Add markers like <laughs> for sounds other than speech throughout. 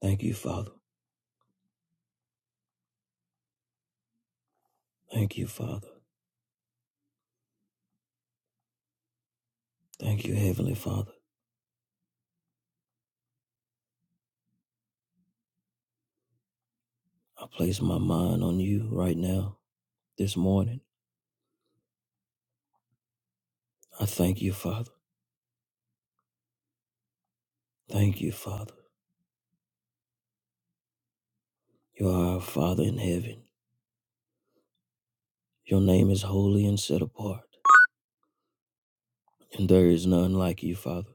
Thank you, Father. Thank you, Father. Thank you, Heavenly Father. I place my mind on you right now, this morning. I thank you, Father. Thank you, Father. You are our Father in heaven. Your name is holy and set apart, and there is none like you, Father.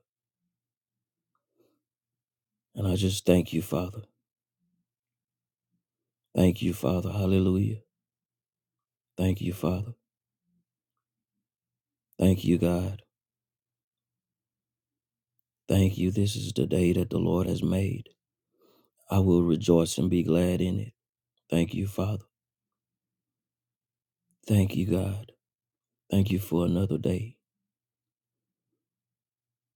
And I just thank you, Father. Thank you, Father. Hallelujah. Thank you, Father. Thank you, God. Thank you. This is the day that the Lord has made. I will rejoice and be glad in it. Thank you, Father. Thank you, God. Thank you for another day.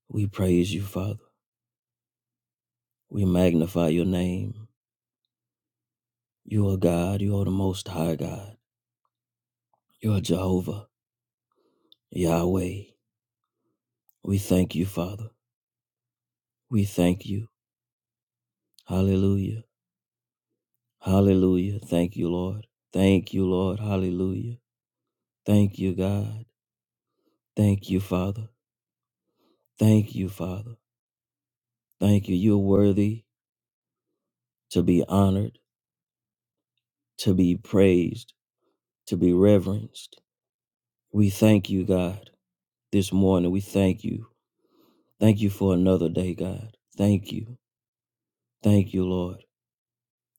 We praise you, Father. We magnify your name. You are God. You are the Most High God. You are Jehovah, Yahweh. We thank you, Father. We thank you. Hallelujah. Hallelujah. Thank you, Lord. Thank you, Lord. Hallelujah. Thank you, God. Thank you, Father. Thank you, Father. Thank you. You are worthy to be honored, to be praised, to be reverenced. We thank you, God, this morning. We thank you Thank you for another day, God. Thank you. Thank you, Lord.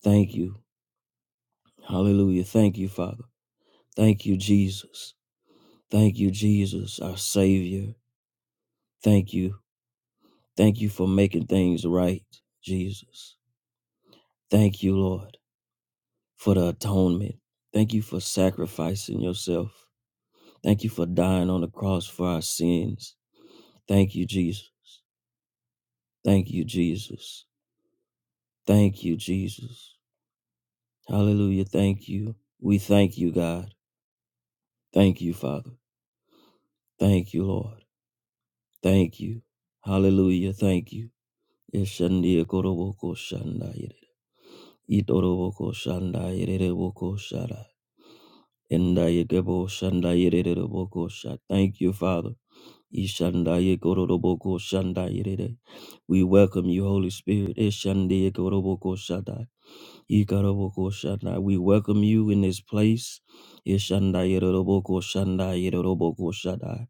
Thank you. Hallelujah. Thank you, Father. Thank you, Jesus. Thank you, Jesus, our Savior. Thank you. Thank you for making things right, Jesus. Thank you, Lord, for the atonement. Thank you for sacrificing yourself. Thank you for dying on the cross for our sins. Thank you, Jesus. Thank you, Jesus. Thank you, Jesus. Hallelujah. Thank you. We thank you, God. Thank you, Father. Thank you, Lord. Thank you. Hallelujah. Thank you. Eshandia koroboko shandayere. Itoroboko shandayere boko shara. Endaya gebo shandayere boko shara. Thank you, Father. Ishandaya koroboko shandayere. We welcome you, Holy Spirit. Eshandia koroboko shada. Ikaraboko Shandai. We welcome you in this place. Ishandai Yoroboko Shandai Yoroboko Shandai.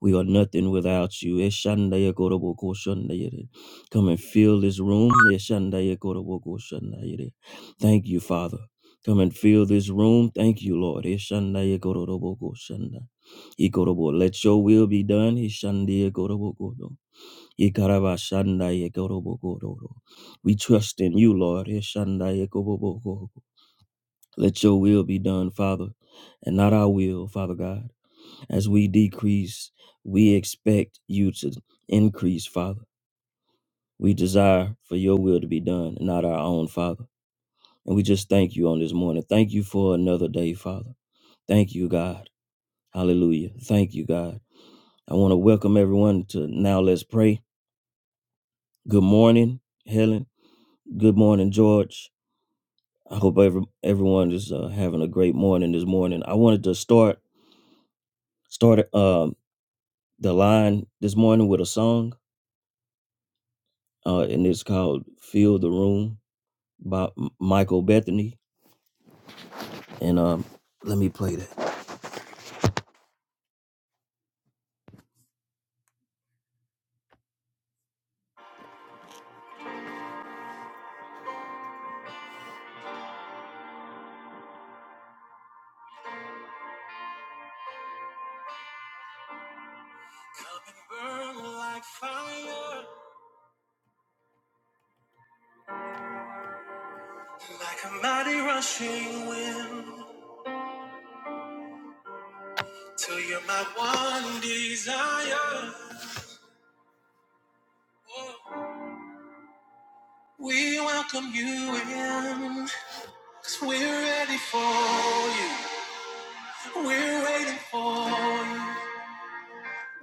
We are nothing without you. Ishandai Yoroboko Shandai Yere. Come and fill this room. Ishandai Yoroboko Shandai Yere. Thank you, Father. Come and fill this room. Thank you, Lord. Ishandai Yoroboko Shandai. Ikorobo. Let your will be done. Ishandai Yoroboko. Ikarabashandai ekorobogororo. We trust in you, Lord. Ishandai ekobobogoro. Let your will be done, Father, and not our will, Father God. As we decrease, we expect you to increase, Father. We desire for your will to be done, and not our own, Father. And we just thank you on this morning. Thank you for another day, Father. Thank you, God. Hallelujah. Thank you, God. I want to welcome everyone to Now Let's Pray. Good morning, Helen. Good morning, George. I hope every, everyone is uh, having a great morning this morning. I wanted to start start um, the line this morning with a song, uh, and it's called "Fill the Room" by M- Michael Bethany. And um, let me play that. Come and burn like fire, like a mighty rushing wind, till you're my one desire. We welcome you in, 'cause we're ready for you. We're waiting for you.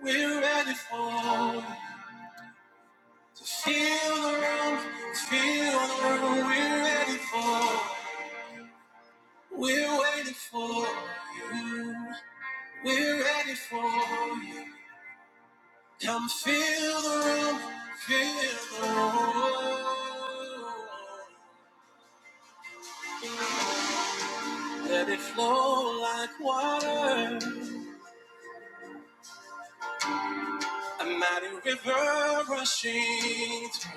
We're ready for you. To feel the room, to feel the room. We're ready for you. We're waiting for you. We're ready for you. Come feel the room, feel the room. Let it flow like water. A mighty river rushing through.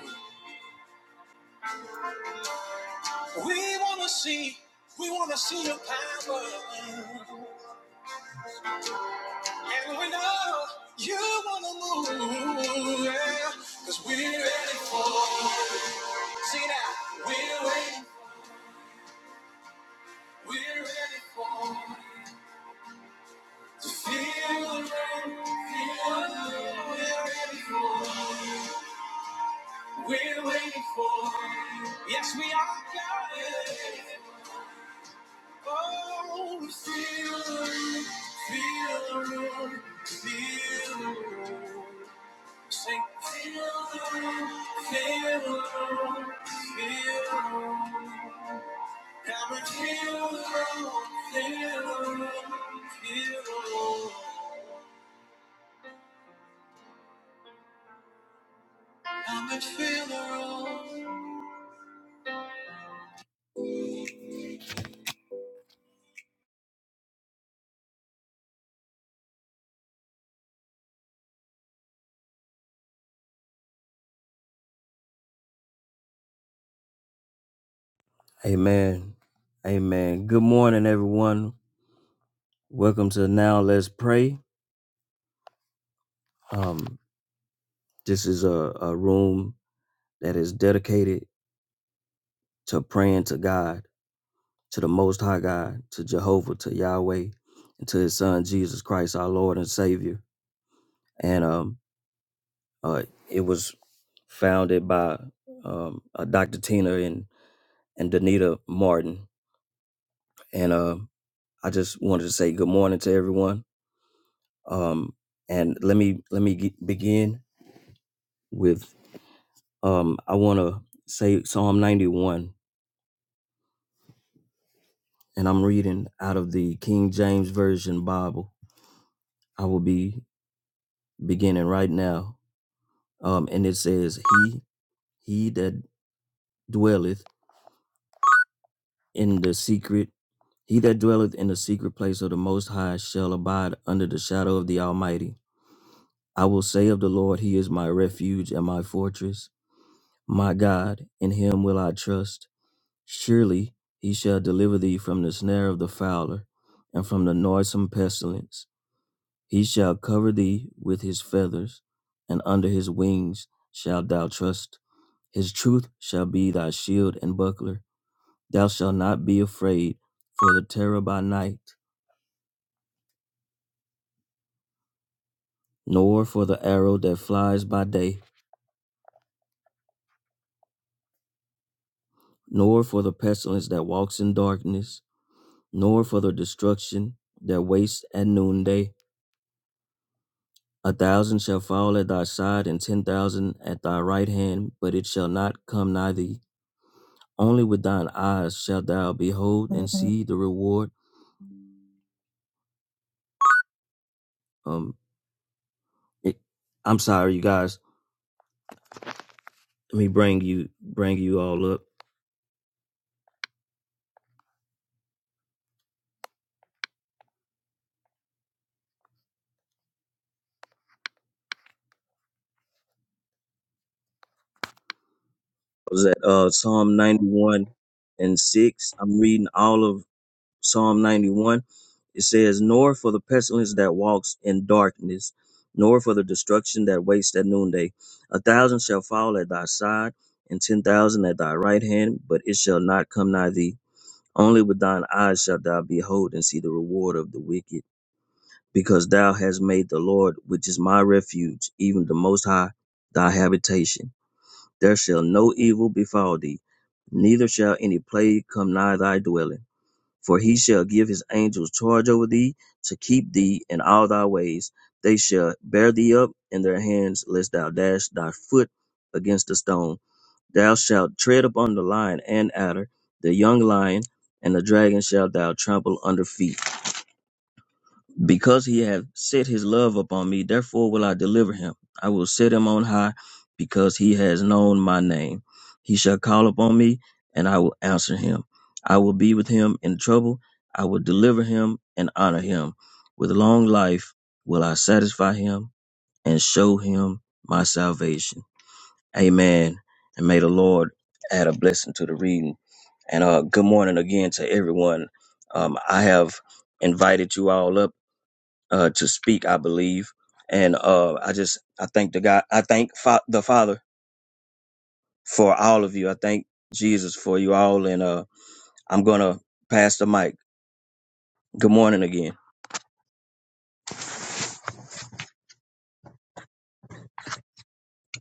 We wanna see, we wanna see your power. And we know you wanna move, yeah. Cause we're ready for, see now, we're waiting, we're ready for, to feel the rain, feel the rain. We're ready for, we're waiting for, yes we are, God. Oh, we feel the rain, feel the rain, feel the rain. Sing. Feel the room, feel the room, feel the room. Come and feel the room, feel the room, feel the room. Come and feel the room. Amen. Amen. Good morning, everyone. Welcome to Now Let's Pray. Um, this is a, a room that is dedicated to praying to God, to the Most High God, to Jehovah, to Yahweh, and to His Son, Jesus Christ, our Lord and Savior. and um, uh, it was founded by um, uh, Dr. Tina and and Danita Martin. And uh, I just wanted to say good morning to everyone. Um, and let me let me ge- begin with um, I want to say Psalm 91, and I'm reading out of the King James Version Bible. I will be beginning right now, um, and it says, "He he that dwelleth in the secret." He that dwelleth in the secret place of the Most High shall abide under the shadow of the Almighty. I will say of the Lord, He is my refuge and my fortress, my God, in Him will I trust. Surely He shall deliver thee from the snare of the fowler and from the noisome pestilence. He shall cover thee with His feathers, and under His wings shalt thou trust. His truth shall be thy shield and buckler. Thou shalt not be afraid for the terror by night nor for the arrow that flies by day, nor for the pestilence that walks in darkness, nor for the destruction that wastes at noonday. A thousand shall fall at thy side, and ten thousand at thy right hand, but it shall not come nigh thee. Only with thine eyes shalt thou behold and see the reward. Um, it, I'm sorry, you guys. Let me bring you bring you all up. It was at uh, Psalm 91 and six. I'm reading all of Psalm 91 It says, Nor for the pestilence that walks in darkness, nor for the destruction that wastes at noonday. A thousand shall fall at thy side, and ten thousand at thy right hand, but it shall not come nigh thee. Only with thine eyes shalt thou behold and see the reward of the wicked, because thou hast made the Lord, which is my refuge, even the Most High, thy habitation. There shall no evil befall thee, neither shall any plague come nigh thy dwelling. For he shall give his angels charge over thee to keep thee in all thy ways. They shall bear thee up in their hands, lest thou dash thy foot against a stone. Thou shalt tread upon the lion and adder, the young lion, and the dragon shalt thou trample under feet because he hath set his love upon me, therefore will I deliver him. I will set him on high, because he has known my name. He shall call upon me, and I will answer him. I will be with him in trouble. I will deliver him and honor him. With long life will I satisfy him and show him my salvation. Amen. And may the Lord add a blessing to the reading. And uh, good morning again to everyone. Um, I have invited you all up uh, to speak, I believe. And uh, I just I thank the God, I thank fa- the Father for all of you. I thank Jesus for you all, and uh, I'm gonna pass the mic. Good morning again.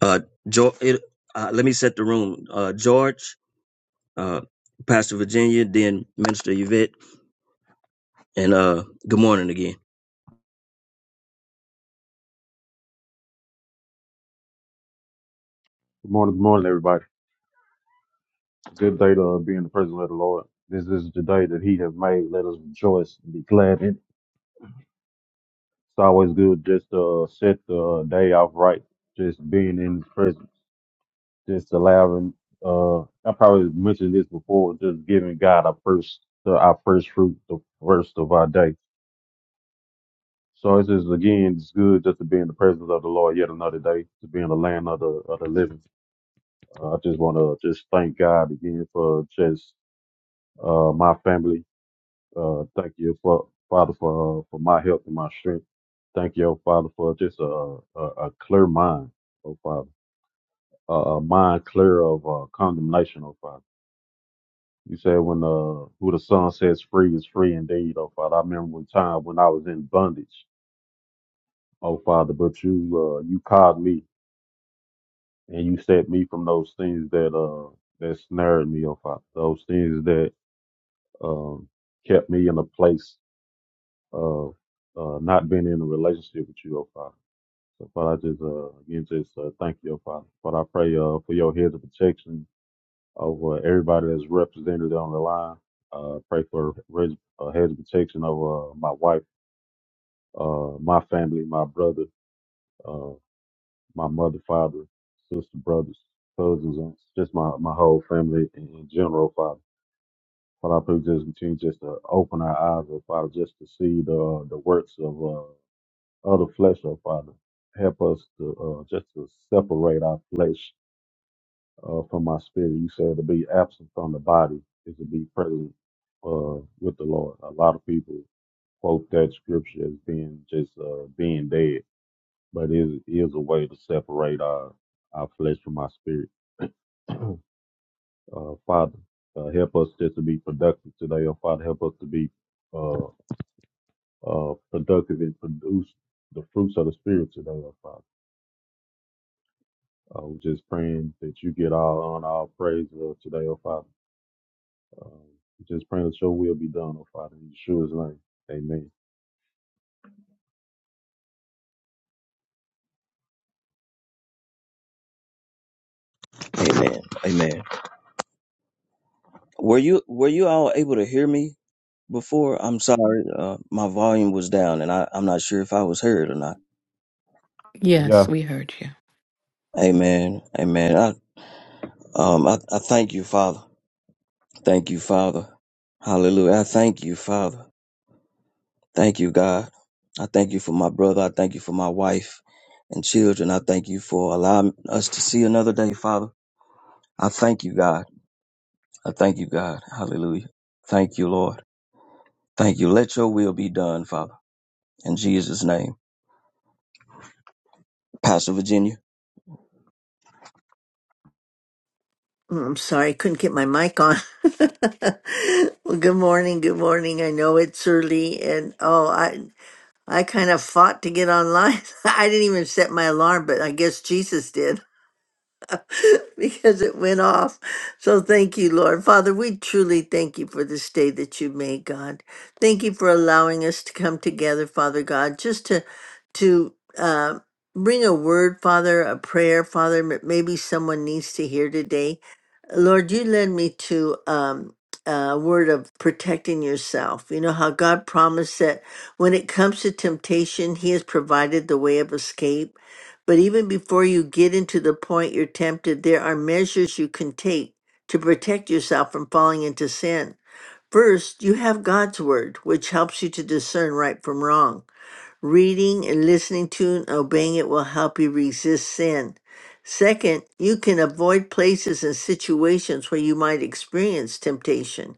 Uh, jo- it, uh let me set the room. Uh, George, uh, Pastor Virginia, then Minister Yvette, and uh, good morning again. Good morning, good morning, everybody. Good day to uh, be in the presence of the Lord. This is the day that He has made. Let us rejoice and be glad in it. It's always good just to uh, set the uh, day off right, just being in His presence, just allowing. Uh, I probably mentioned this before, just giving God our first, the, our first fruit, the first of our day. So it's just again, it's good just to be in the presence of the Lord yet another day, to be in the land of the of the living. Uh, I just want to just thank God again for just uh, my family Uh, thank you, for, Father, for uh, for my health and my strength. Thank you, oh Father, for just a, a, a clear mind, oh Father, a, a mind clear of uh, condemnation, oh Father. You said when uh, who the Son sets free is free indeed, oh Father. I remember a time when I was in bondage, oh Father, but you uh, you called me and you set me from those things that uh that snared me, oh Father. Those things that um kept me in a place of uh, not being in a relationship with you, oh Father. So, Father, I just uh, again just uh, thank you, oh, Father. Father, I pray uh, for your head of protection over everybody that's represented on the line. Uh, pray for res- uh, head of protection over uh, my wife, uh, my family, my brother, uh, my mother, father, sister, brothers, cousins, aunts, just my, my whole family in, in general, Father. Father, I pray just continue just to open our eyes, oh, Father, just to see the uh, the works of uh, other flesh, oh, Father. Help us to uh, just to separate our flesh uh, from my spirit. You said to be absent from the body is to be present uh, with the Lord. A lot of people quote that scripture as being just uh, being dead, but it is a way to separate our our flesh from our spirit. <clears throat> uh, Father, uh, help us just to be productive today. Oh Father, help us to be uh, uh, productive and produce the fruits of the spirit today. Oh Father, uh, we're just praying that you get all on all praise uh, today. Oh Father. Um, just praying that your will be done, oh Father, in Yeshua's name. Amen. Amen. Amen. Were you were you all able to hear me before? I'm sorry, uh, my volume was down, and I, I'm not sure if I was heard or not. Yeah. Yes, we heard you. Amen. Amen. I, Um, I, I thank you, Father. Thank you, Father. Hallelujah. I thank you, Father. Thank you, God. I thank you for my brother. I thank you for my wife and children. I thank you for allowing us to see another day, Father. I thank you, God. I thank you, God. Hallelujah. Thank you, Lord. Thank you. Let your will be done, Father. In Jesus' name. Pastor Virginia. Oh, I'm sorry, I couldn't get my mic on. <laughs> well, good morning, good morning. I know it's early, and oh, I I kind of fought to get online. <laughs> I didn't even set my alarm, but I guess Jesus did. <laughs> because it went off. So thank you, Lord. Father, we truly thank you for this day that you made, God. Thank you for allowing us to come together, Father God, just to to uh, bring a word, Father, a prayer, Father, that maybe someone needs to hear today. Lord, you led me to um, a word of protecting yourself. You know how God promised that when it comes to temptation, He has provided the way of escape. But even before you get into the point you're tempted, there are measures you can take to protect yourself from falling into sin. First, you have God's Word, which helps you to discern right from wrong. Reading and listening to and obeying it will help you resist sin. Second, you can avoid places and situations where you might experience temptation.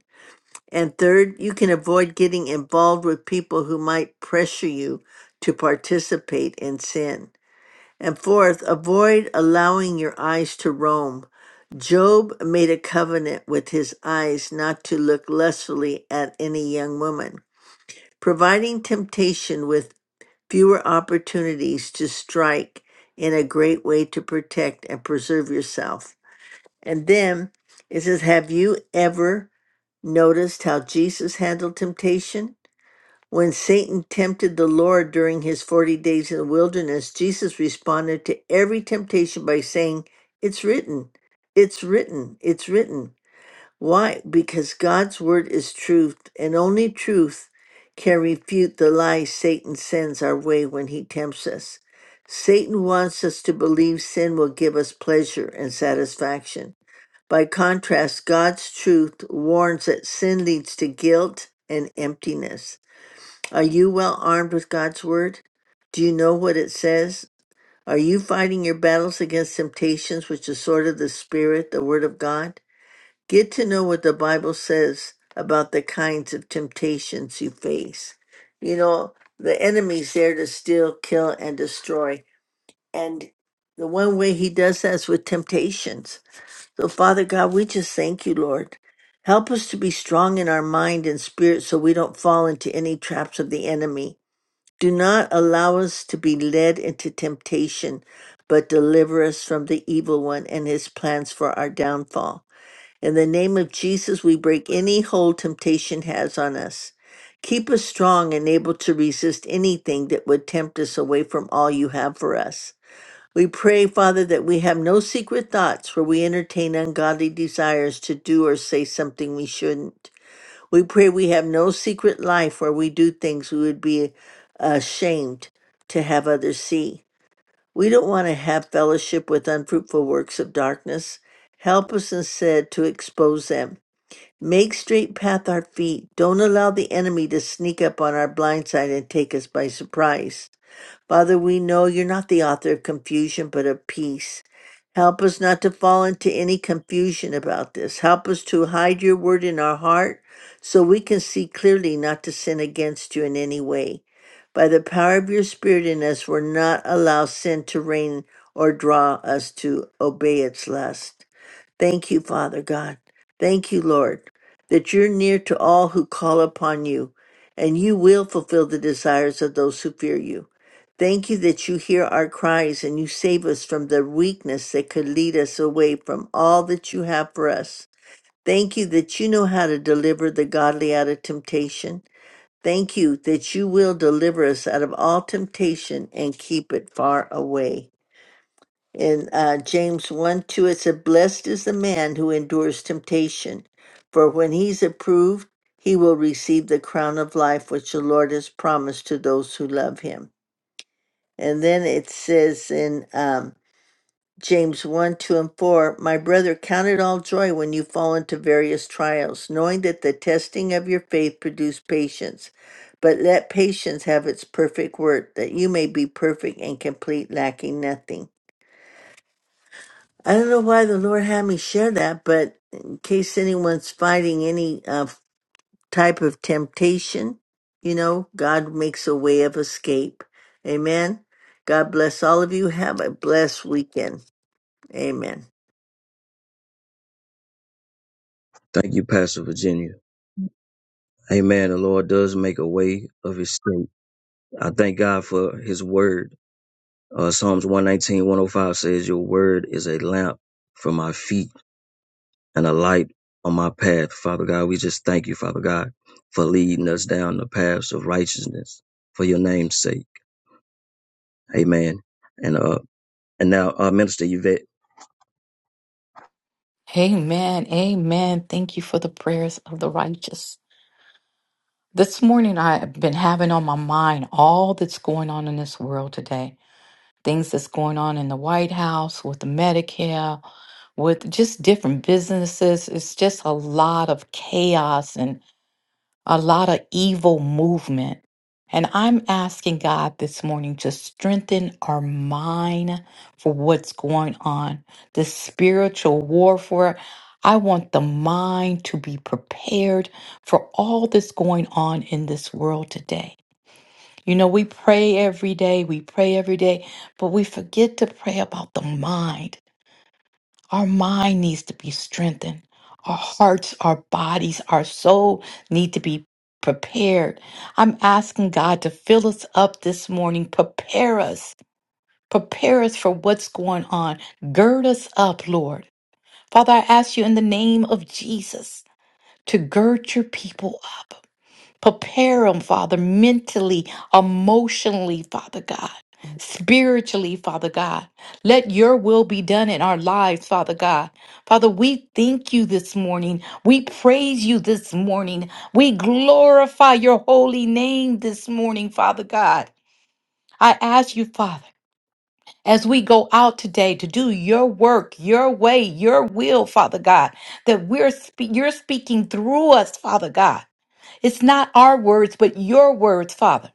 And third, you can avoid getting involved with people who might pressure you to participate in sin. And fourth, avoid allowing your eyes to roam. Job made a covenant with his eyes not to look lustfully at any young woman, providing temptation with fewer opportunities to strike in a great way to protect and preserve yourself. And then it says, Have you ever noticed how Jesus handled temptation? When Satan tempted the Lord during his 40 days in the wilderness, Jesus responded to every temptation by saying, It's written, it's written, it's written. Why? Because God's word is truth, and only truth can refute the lies Satan sends our way when he tempts us. Satan wants us to believe sin will give us pleasure and satisfaction. By contrast, God's truth warns that sin leads to guilt and emptiness. Are you well armed with God's word? Do you know what it says? Are you fighting your battles against temptations with the sword of the Spirit, the word of God? Get to know what the Bible says about the kinds of temptations you face. You know, the enemy's there to steal, kill, and destroy. And the one way he does that is with temptations. So, Father God, we just thank you, Lord. Help us to be strong in our mind and spirit so we don't fall into any traps of the enemy. Do not allow us to be led into temptation, but deliver us from the evil one and his plans for our downfall. In the name of Jesus, we break any hold temptation has on us. Keep us strong and able to resist anything that would tempt us away from all you have for us. We pray, Father, that we have no secret thoughts where we entertain ungodly desires to do or say something we shouldn't. We pray we have no secret life where we do things we would be ashamed to have others see. We don't want to have fellowship with unfruitful works of darkness. Help us instead to expose them Make straight path our feet. Don't allow the enemy to sneak up on our blind side and take us by surprise. Father, we know you're not the author of confusion, but of peace. Help us not to fall into any confusion about this. Help us to hide your word in our heart so we can see clearly not to sin against you in any way. By the power of your spirit in us, we're not allow sin to reign or draw us to obey its lust. Thank you, Father God. Thank you, Lord that you're near to all who call upon you, and you will fulfill the desires of those who fear you. Thank you that you hear our cries and you save us from the weakness that could lead us away from all that you have for us. Thank you that you know how to deliver the godly out of temptation. Thank you that you will deliver us out of all temptation and keep it far away. In uh, James 1 2, it said, Blessed is the man who endures temptation, for when he's approved, he will receive the crown of life which the Lord has promised to those who love him. And then it says in um, James 1 2 and 4, My brother, count it all joy when you fall into various trials, knowing that the testing of your faith produces patience. But let patience have its perfect work, that you may be perfect and complete, lacking nothing. I don't know why the Lord had me share that, but in case anyone's fighting any uh, type of temptation, you know, God makes a way of escape. Amen. God bless all of you. Have a blessed weekend. Amen. Thank you, Pastor Virginia. Amen. The Lord does make a way of escape. I thank God for his word. Uh, Psalms 119, 105 says, Your word is a lamp for my feet and a light on my path. Father God, we just thank you, Father God, for leading us down the paths of righteousness for your name's sake. Amen. And uh, and now, uh, Minister Yvette, Amen. Amen. Thank you for the prayers of the righteous. This morning, I've been having on my mind all that's going on in this world today. Things that's going on in the White House with the Medicare, with just different businesses. It's just a lot of chaos and. a lot of evil movement. And I'm asking God this morning to strengthen our mind for what's going on. The spiritual warfare. I want the mind to be prepared for all that's going on in this world today. You know, we pray every day, we pray every day, but we forget to pray about the mind. Our mind needs to be strengthened. Our hearts, our bodies, our soul need to be prepared. I'm asking God to fill us up this morning, prepare us, prepare us for what's going on. Gird us up, Lord. Father, I ask you in the name of Jesus to gird your people up. Prepare them, Father, mentally, emotionally, Father God, spiritually, Father God. Let your will be done in our lives, Father God. Father, we thank you this morning. We praise you this morning. We glorify your holy name this morning, Father God. I ask you, Father as we go out today to do your work, your way, your will, Father God, that we're spe- you're speaking through us, Father God. It's not our words, but your words, Father.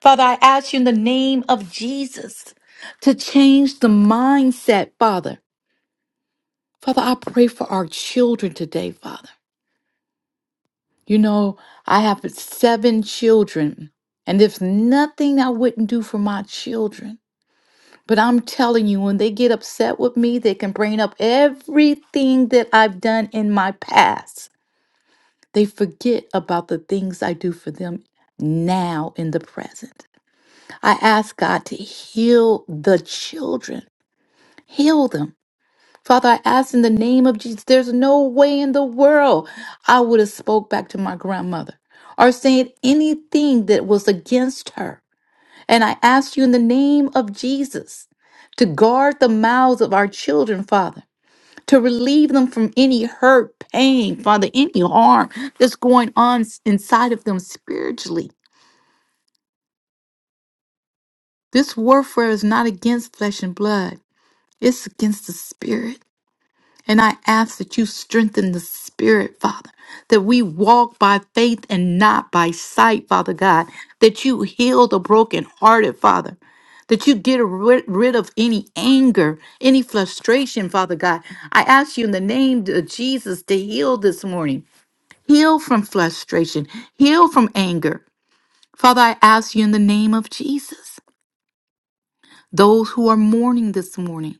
Father, I ask you in the name of Jesus to change the mindset, Father. Father, I pray for our children today, Father. You know, I have seven children, and there's nothing I wouldn't do for my children. But I'm telling you, when they get upset with me, they can bring up everything that I've done in my past. They forget about the things I do for them now in the present. I ask God to heal the children, heal them. Father, I ask in the name of Jesus, there's no way in the world I would have spoke back to my grandmother or said anything that was against her. And I ask you in the name of Jesus to guard the mouths of our children, Father, to relieve them from any hurt, pain, Father, any harm that's going on s- inside of them spiritually. This warfare is not against flesh and blood, it's against the spirit. And I ask that you strengthen the spirit, Father, that we walk by faith and not by sight, Father God, that you heal the brokenhearted, Father. That you get rid, rid of any anger, any frustration, Father God. I ask you in the name of Jesus to heal this morning. Heal from frustration, heal from anger. Father, I ask you in the name of Jesus, those who are mourning this morning,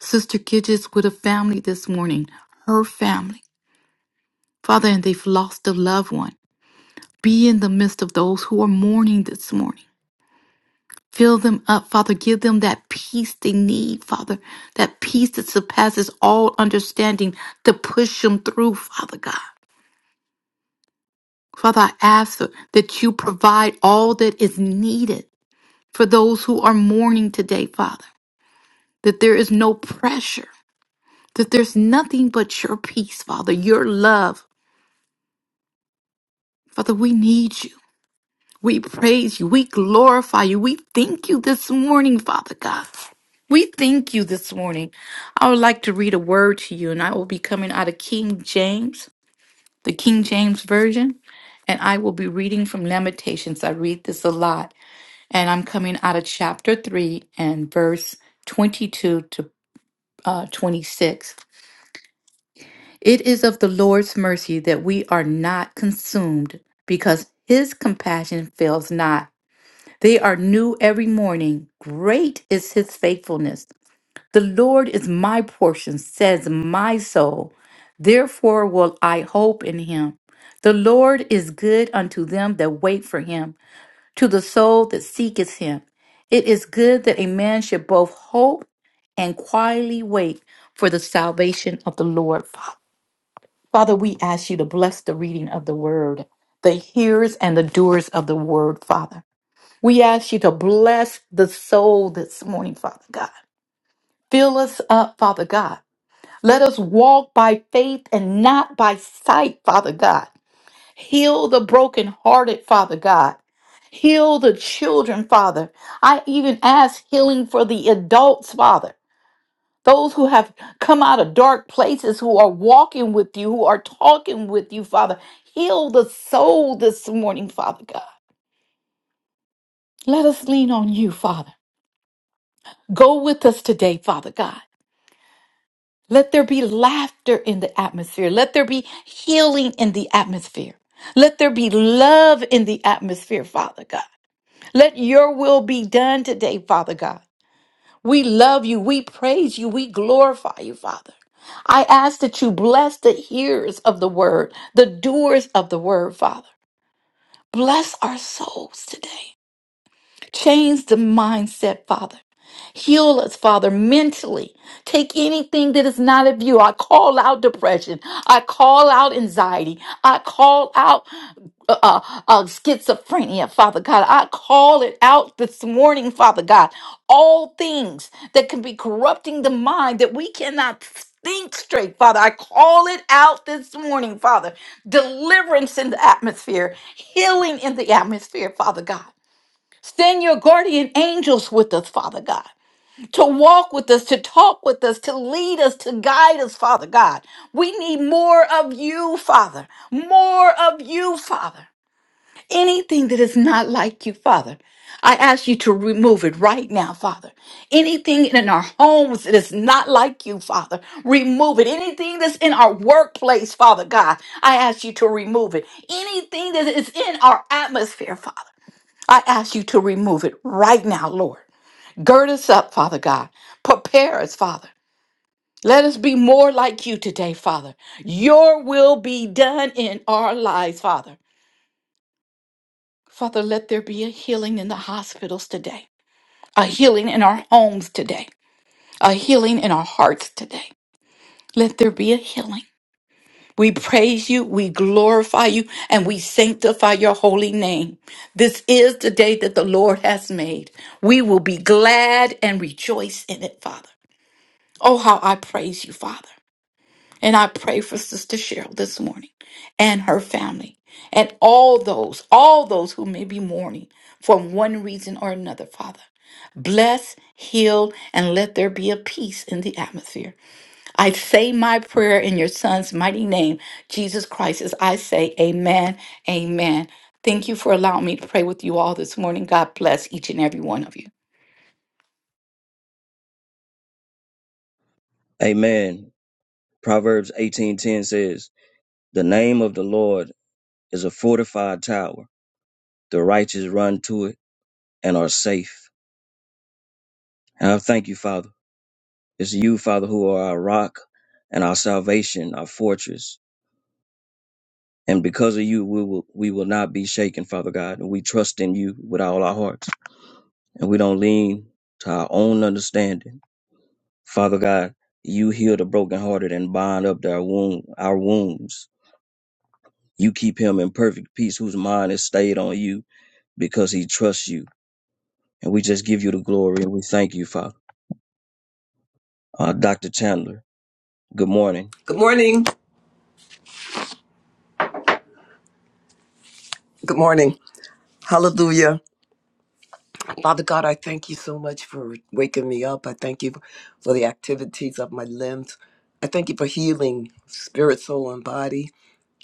Sister Gidges with a family this morning, her family. Father, and they've lost a loved one. Be in the midst of those who are mourning this morning. Fill them up, Father. Give them that peace they need, Father. That peace that surpasses all understanding to push them through, Father God. Father, I ask that you provide all that is needed for those who are mourning today, Father. That there is no pressure, that there's nothing but your peace, Father, your love. Father, we need you. We praise you. We glorify you. We thank you this morning, Father God. We thank you this morning. I would like to read a word to you, and I will be coming out of King James, the King James Version, and I will be reading from Lamentations. I read this a lot, and I'm coming out of chapter 3 and verse 22 to uh, 26. It is of the Lord's mercy that we are not consumed, because his compassion fails not. They are new every morning. Great is his faithfulness. The Lord is my portion, says my soul. Therefore will I hope in him. The Lord is good unto them that wait for him, to the soul that seeketh him. It is good that a man should both hope and quietly wait for the salvation of the Lord. Fa- Father, we ask you to bless the reading of the word, the hearers and the doers of the word, Father. We ask you to bless the soul this morning, Father God. Fill us up, Father God. Let us walk by faith and not by sight, Father God. Heal the brokenhearted, Father God. Heal the children, Father. I even ask healing for the adults, Father. Those who have come out of dark places, who are walking with you, who are talking with you, Father. Heal the soul this morning, Father God. Let us lean on you, Father. Go with us today, Father God. Let there be laughter in the atmosphere. Let there be healing in the atmosphere. Let there be love in the atmosphere, Father God. Let your will be done today, Father God. We love you. We praise you. We glorify you, Father. I ask that you bless the hearers of the word, the doers of the word, Father. Bless our souls today. Change the mindset, Father. Heal us, Father, mentally. Take anything that is not of you. I call out depression. I call out anxiety. I call out uh, uh, uh, schizophrenia, Father God. I call it out this morning, Father God. All things that can be corrupting the mind that we cannot think straight, Father. I call it out this morning, Father. Deliverance in the atmosphere, healing in the atmosphere, Father God. Send your guardian angels with us, Father God to walk with us, to talk with us, to lead us, to guide us, Father God. We need more of you, Father. More of you, Father. Anything that is not like you, Father. I ask you to remove it right now, Father. Anything in our homes that is not like you, Father, remove it. Anything that's in our workplace, Father God, I ask you to remove it. Anything that is in our atmosphere, Father, I ask you to remove it right now, Lord. Gird us up, Father God. Prepare us, Father. Let us be more like you today, Father. Your will be done in our lives, Father. Father, let there be a healing in the hospitals today, a healing in our homes today, a healing in our hearts today. Let there be a healing. We praise you, we glorify you, and we sanctify your holy name. This is the day that the Lord has made. We will be glad and rejoice in it, Father. Oh, how I praise you, Father. And I pray for Sister Cheryl this morning and her family and all those, all those who may be mourning for one reason or another, Father. Bless, heal, and let there be a peace in the atmosphere. I say my prayer in your Son's mighty name, Jesus Christ, as I say, Amen, Amen. Thank you for allowing me to pray with you all this morning. God bless each and every one of you. Amen. Proverbs 18:10 says, "The name of the Lord is a fortified tower; the righteous run to it and are safe." And I thank you, Father. It's you, Father, who are our rock and our salvation, our fortress. And because of you, we will we will not be shaken, Father God. And we trust in you with all our hearts. And we don't lean to our own understanding. Father God, you heal the brokenhearted and bind up their wound, our wounds. You keep him in perfect peace whose mind is stayed on you because he trusts you. And we just give you the glory and we thank you, Father. Uh, Dr. Chandler, good morning. Good morning. Good morning. Hallelujah. Father God, I thank you so much for waking me up. I thank you for the activities of my limbs. I thank you for healing spirit, soul, and body.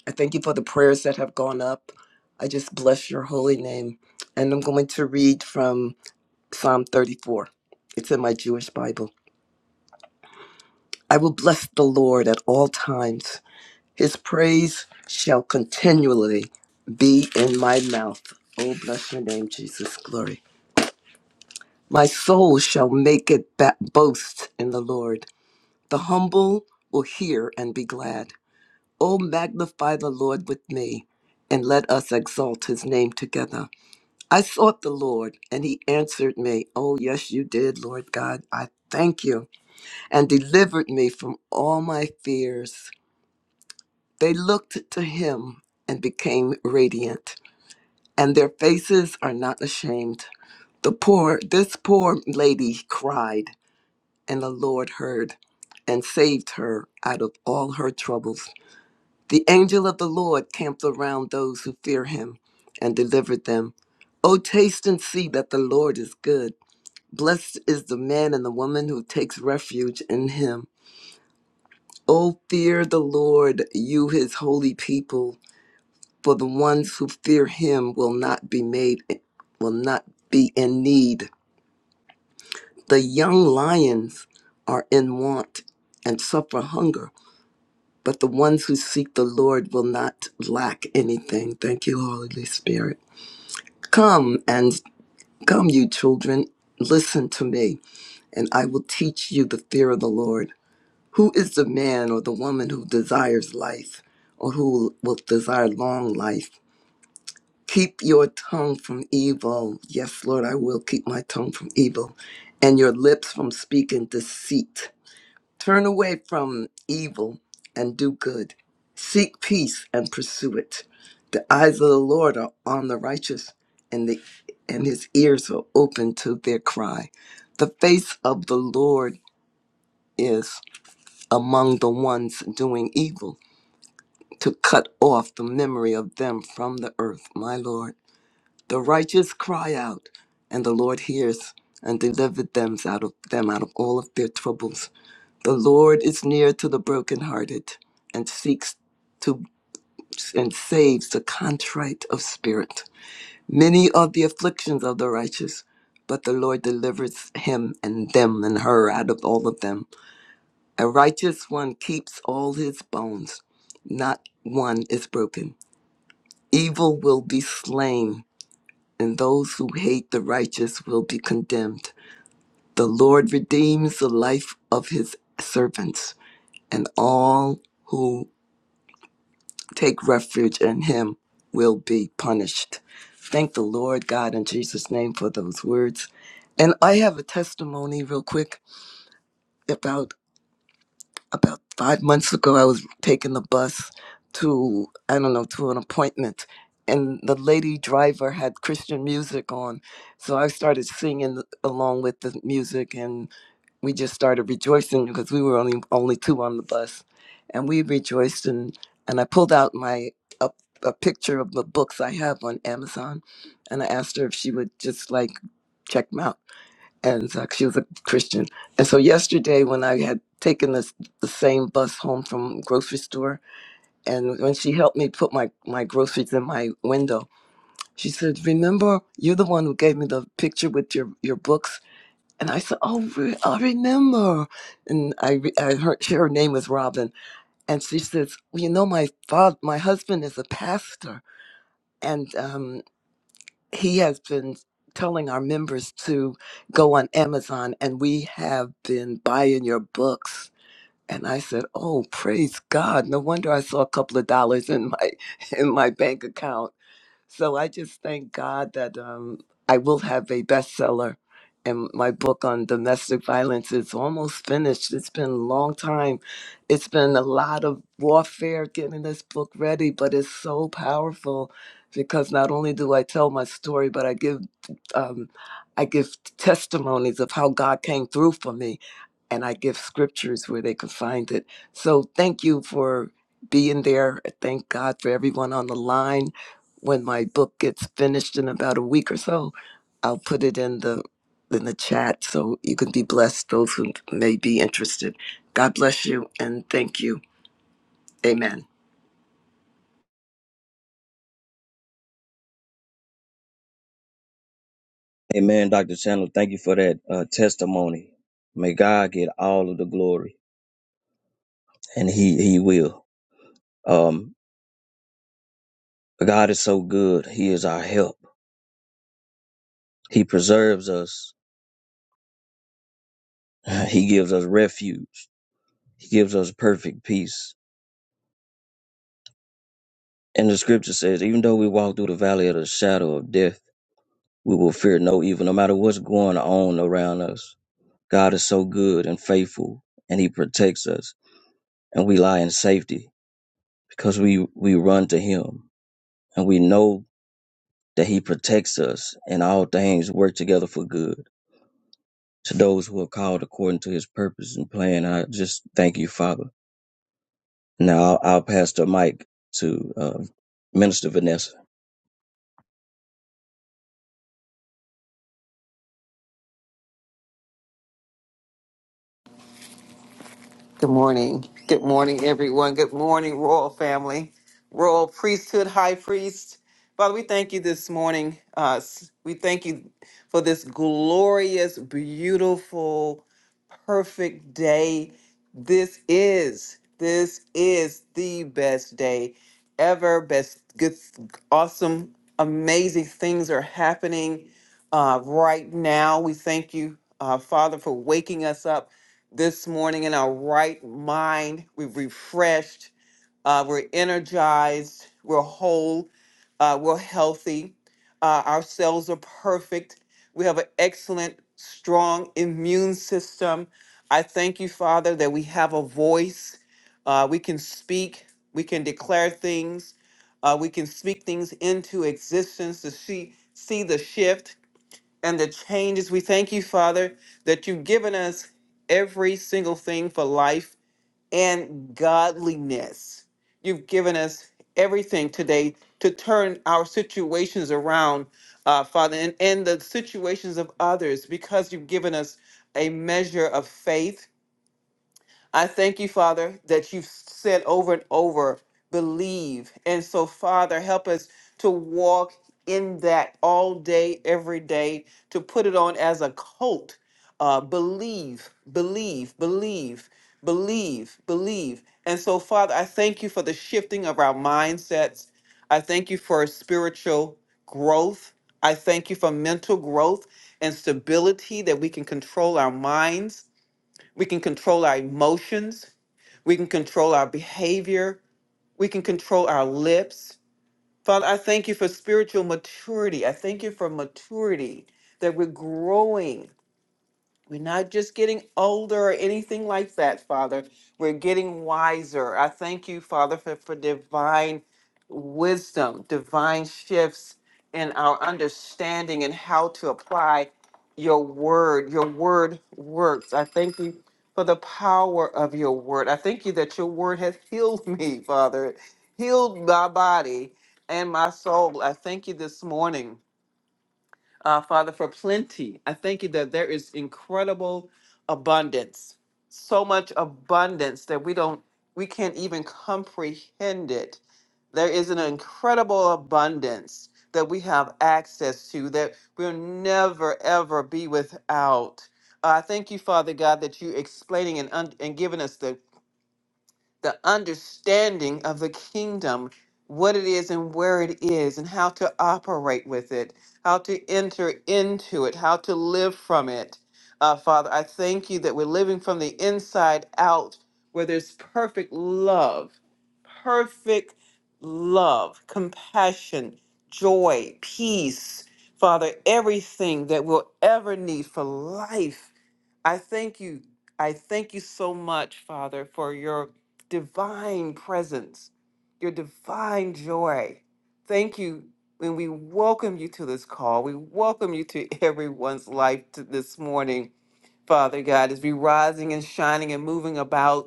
I thank you for the prayers that have gone up. I just bless your holy name. And I'm going to read from Psalm 34. It's in my Jewish Bible. I will bless the Lord at all times. His praise shall continually be in my mouth. Oh, bless your name, Jesus. Glory. My soul shall make it ba- boast in the Lord. The humble will hear and be glad. O magnify the Lord with me, and let us exalt his name together. I sought the Lord, and he answered me. Oh, yes, you did, Lord God. I thank you, and delivered me from all my fears. They looked to him and became radiant, and their faces are not ashamed. The poor, this poor lady cried and the Lord heard and saved her out of all her troubles. The angel of the Lord camped around those who fear him and delivered them. O taste and see that the Lord is good. Blessed is the man and the woman who takes refuge in him. O fear the Lord, you his holy people, for the ones who fear him will not be made will not be in need. The young lions are in want and suffer hunger but the ones who seek the Lord will not lack anything. Thank you, Holy Spirit. Come and come, you children, listen to me, and I will teach you the fear of the Lord. Who is the man or the woman who desires life, or who will desire long life? Keep your tongue from evil. Yes, Lord, I will keep my tongue from evil, and your lips from speaking deceit. Turn away from evil and do good. Seek peace and pursue it. The eyes of the Lord are on the righteous, and the and his ears are open to their cry. The face of the Lord is among the ones doing evil, to cut off the memory of them from the earth, my Lord. The righteous cry out, and the Lord hears and delivered them out of them out of all of their troubles. The Lord is near to the brokenhearted and seeks to and saves the contrite of spirit. Many are the afflictions of the righteous, but the Lord delivers him and them and her out of all of them. A righteous one keeps all his bones, not one is broken. Evil will be slain, and those who hate the righteous will be condemned. The Lord redeems the life of his servants, and all who. take refuge in him will be punished. Thank the Lord God in Jesus' name for those words. And I have a testimony real quick about about five months ago I was taking the bus to I don't know to an appointment and the lady driver had Christian music on. So I started singing along with the music and we just started rejoicing because we were only only two on the bus, and we rejoiced and and I pulled out my a, a picture of the books I have on Amazon, and I asked her if she would just like check them out, and uh, she was a Christian, and so yesterday when I had taken this the same bus home from grocery store, and when she helped me put my my groceries in my window, she said, "Remember, you're the one who gave me the picture with your your books." And I said, "Oh, re- I remember." And I, re- I heard her name was Robin, and she says, well, "You know, my father, my husband is a pastor, and um, he has been telling our members to go on Amazon, and we have been buying your books." And I said, "Oh, praise God! No wonder I saw a couple of dollars in my <laughs> in my bank account." So I just thank God that um, I will have a bestseller. And my book on domestic violence is almost finished. It's been a long time. It's been a lot of warfare getting this book ready, but it's so powerful because not only do I tell my story, but I give um, I give testimonies of how God came through for me, and I give scriptures where they can find it. So thank you for being there. Thank God for everyone on the line when my book gets finished in about a week or so, I'll put it in the in the chat so you can be blessed. Those who may be interested. God bless you and thank you. Amen. Amen, Dr. Chandler. Thank you for that uh, testimony. May God get all of the glory, and He He will. Um, God is so good. He is our help. He preserves us. <laughs> He gives us refuge. He gives us perfect peace. And the Scripture says, even though we walk through the valley of the shadow of death, we will fear no evil, no matter what's going on around us. God is so good and faithful, and He protects us, and we lie in safety because we we run to Him and we know that he protects us, and all things work together for good to those who are called according to his purpose and plan. I just thank you, Father. Now I'll, I'll pass the mic to uh, Minister Vanessa. Good morning. Good morning, everyone. Good morning, royal family, royal priesthood, high priest. Father, we thank you this morning. Uh, s- we thank you for this glorious, beautiful, perfect day. This is, this is the best day ever. Best, good, awesome, amazing things are happening uh, right now. We thank you, uh, Father, for waking us up this morning in our right mind. We're refreshed. Uh, we're energized. We're whole. Uh, we're healthy. Uh, our cells are perfect. We have an excellent, strong immune system. I thank you, Father, that we have a voice. Uh, we can speak. We can declare things. Uh, we can speak things into existence to see see the shift and the changes. We thank you, Father, that you've given us every single thing for life and godliness. You've given us everything today to turn our situations around, uh, Father, and, and the situations of others because you've given us a measure of faith I thank you, Father, that you've said over and over, believe. And so, Father, help us to walk in that all day, every day, to put it on as a coat. Uh, believe, believe, believe, believe, believe. And so, Father, I thank you for the shifting of our mindsets. I thank you for spiritual growth. I thank you for mental growth and stability that we can control our minds. We can control our emotions. We can control our behavior. We can control our lips. Father, I thank you for spiritual maturity. I thank you for maturity that we're growing we're not just getting older or anything like that, Father. We're getting wiser. I thank you, Father, for, for divine wisdom, divine shifts in our understanding and how to apply your word. Your word works. I thank you for the power of your word. I thank you that your word has healed me, Father, healed my body and my soul. I thank you this morning uh, Father, for plenty. I thank you that there is incredible abundance, so much abundance that we don't, we can't even comprehend it. There is an incredible abundance that we have access to that we'll never ever be without. Uh, I thank you, Father God, that you explaining and un- and giving us the the understanding of the kingdom, what it is and where it is, and how to operate with it, how to enter into it, how to live from it. Uh, Father, I thank you that we're living from the inside out where there's perfect love, perfect love, compassion, joy, peace. Father, everything that we'll ever need for life I thank you. I thank you so much, Father, for your divine presence, your divine joy. Thank you. And we welcome you to this call. We welcome you to <laughs> everyone's life to this morning, Father God, as we rising and shining and moving about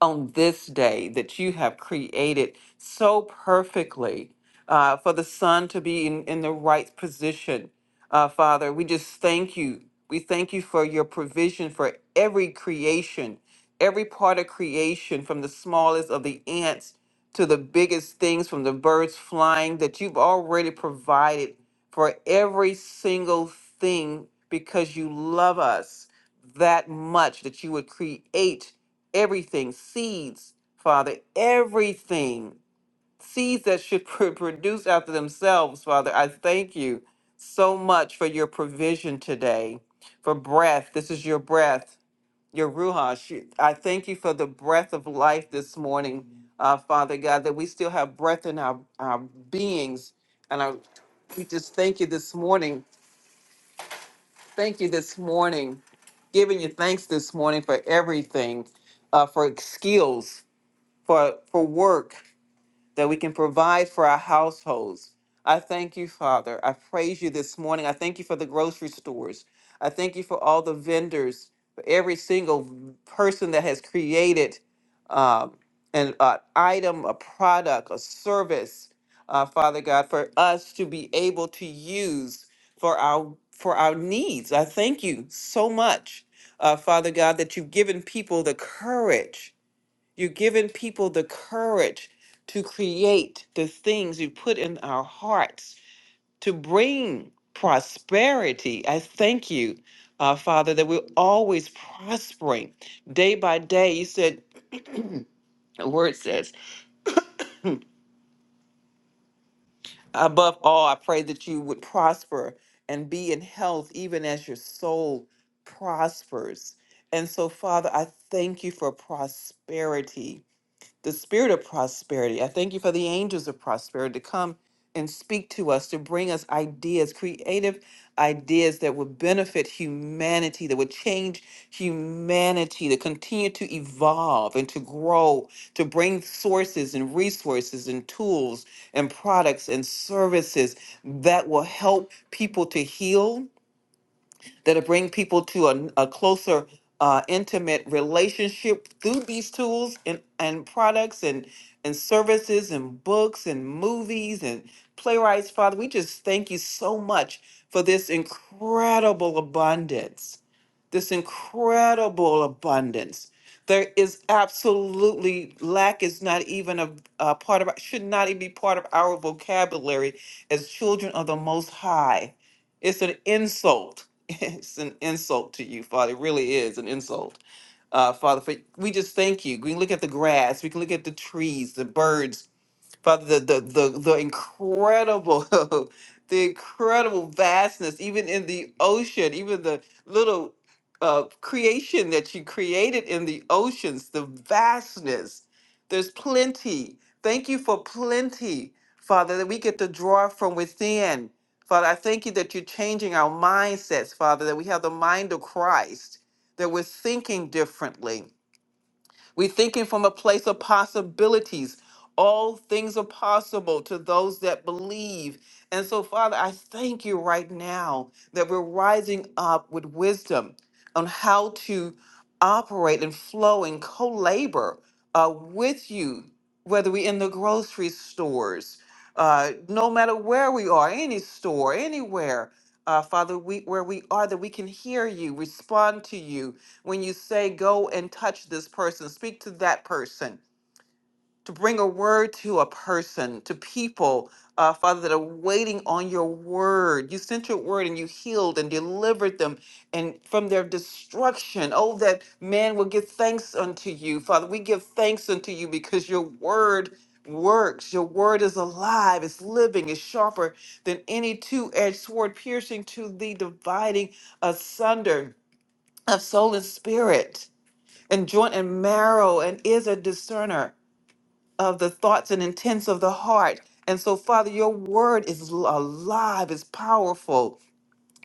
on this day that you have created so perfectly uh, for the son to be in, in the right position. Uh, Father, we just thank you. We thank you for your provision for every creation, every part of creation, from the smallest of the ants to the biggest things, from the birds flying, that you've already provided for every single thing because you love us that much that you would create everything, seeds, Father, everything, seeds that should <laughs> pr- produce after themselves, Father. I thank you so much for your provision today, for breath. This is your breath, your Ruach. You- I thank you for the breath of life this morning, uh, Father God, that we still have breath in our, our beings. And I, we just thank you this morning. Thank you this morning. Giving you thanks this morning for everything, uh, for skills for for work that we can provide for our households. I thank you, Father. I praise you this morning. I thank you for the grocery stores. I thank you for all the vendors, for every single person that has created um, an uh, item, a product, a service, uh, Father God, for us to be able to use for our for our needs. I thank you so much, uh, Father God, that you've given people the courage you're giving people the courage to create the things you put in our hearts to bring prosperity. I thank you, uh, Father, that we're always prospering day by day. You said, the word says, above all, I pray that you would prosper and be in health, even as your soul prospers. And so, Father, I thank you for prosperity. the spirit of prosperity. I thank you for the angels of prosperity to come and speak to us, to bring us ideas, creative ideas that would benefit humanity, that would change humanity, to continue to evolve and to grow, to bring sources and resources and tools and products and services that will help people to heal that'll bring people to a, a closer, uh, intimate relationship through these tools and, and products and, and services and books and movies and playwrights. Father, we just thank you so much for this incredible abundance this incredible abundance. There is absolutely lack is not even a, a part of should not even be part of our vocabulary as children of the Most High. It's an insult. <laughs> It's an insult to you, Father. It really is an insult, uh, Father. For we just thank you. We can look at the grass. We can look at the trees, the birds, Father, the the the, the incredible, <laughs> the incredible vastness, even in the ocean, even the little uh, creation that you created in the oceans, the vastness. There's plenty. Thank you for plenty, Father, that we get to draw from within. Father, I thank you that you're changing our mindsets, Father, that we have the mind of Christ, that we're thinking differently we're thinking from a place of possibilities. All things are possible to those that believe. And so, Father, I thank you right now that we're rising up with wisdom on how to operate and flow and co labor uh, with you, whether we're in the grocery stores, uh, no matter where we are, any store, anywhere. Uh, Father, we, where we are, that we can hear you, respond to you, when you say go and touch this person speak to that person to bring a word to a person to people uh, father that are waiting on your word you sent your word and you healed and delivered them and from their destruction oh that man will give thanks unto you father we give thanks unto you because your word works your word is alive it's living it's sharper than any two-edged sword piercing to the dividing asunder of soul and spirit and joint and marrow and is a discerner of the thoughts and intents of the heart. And so, Father, your word is l- alive, is powerful,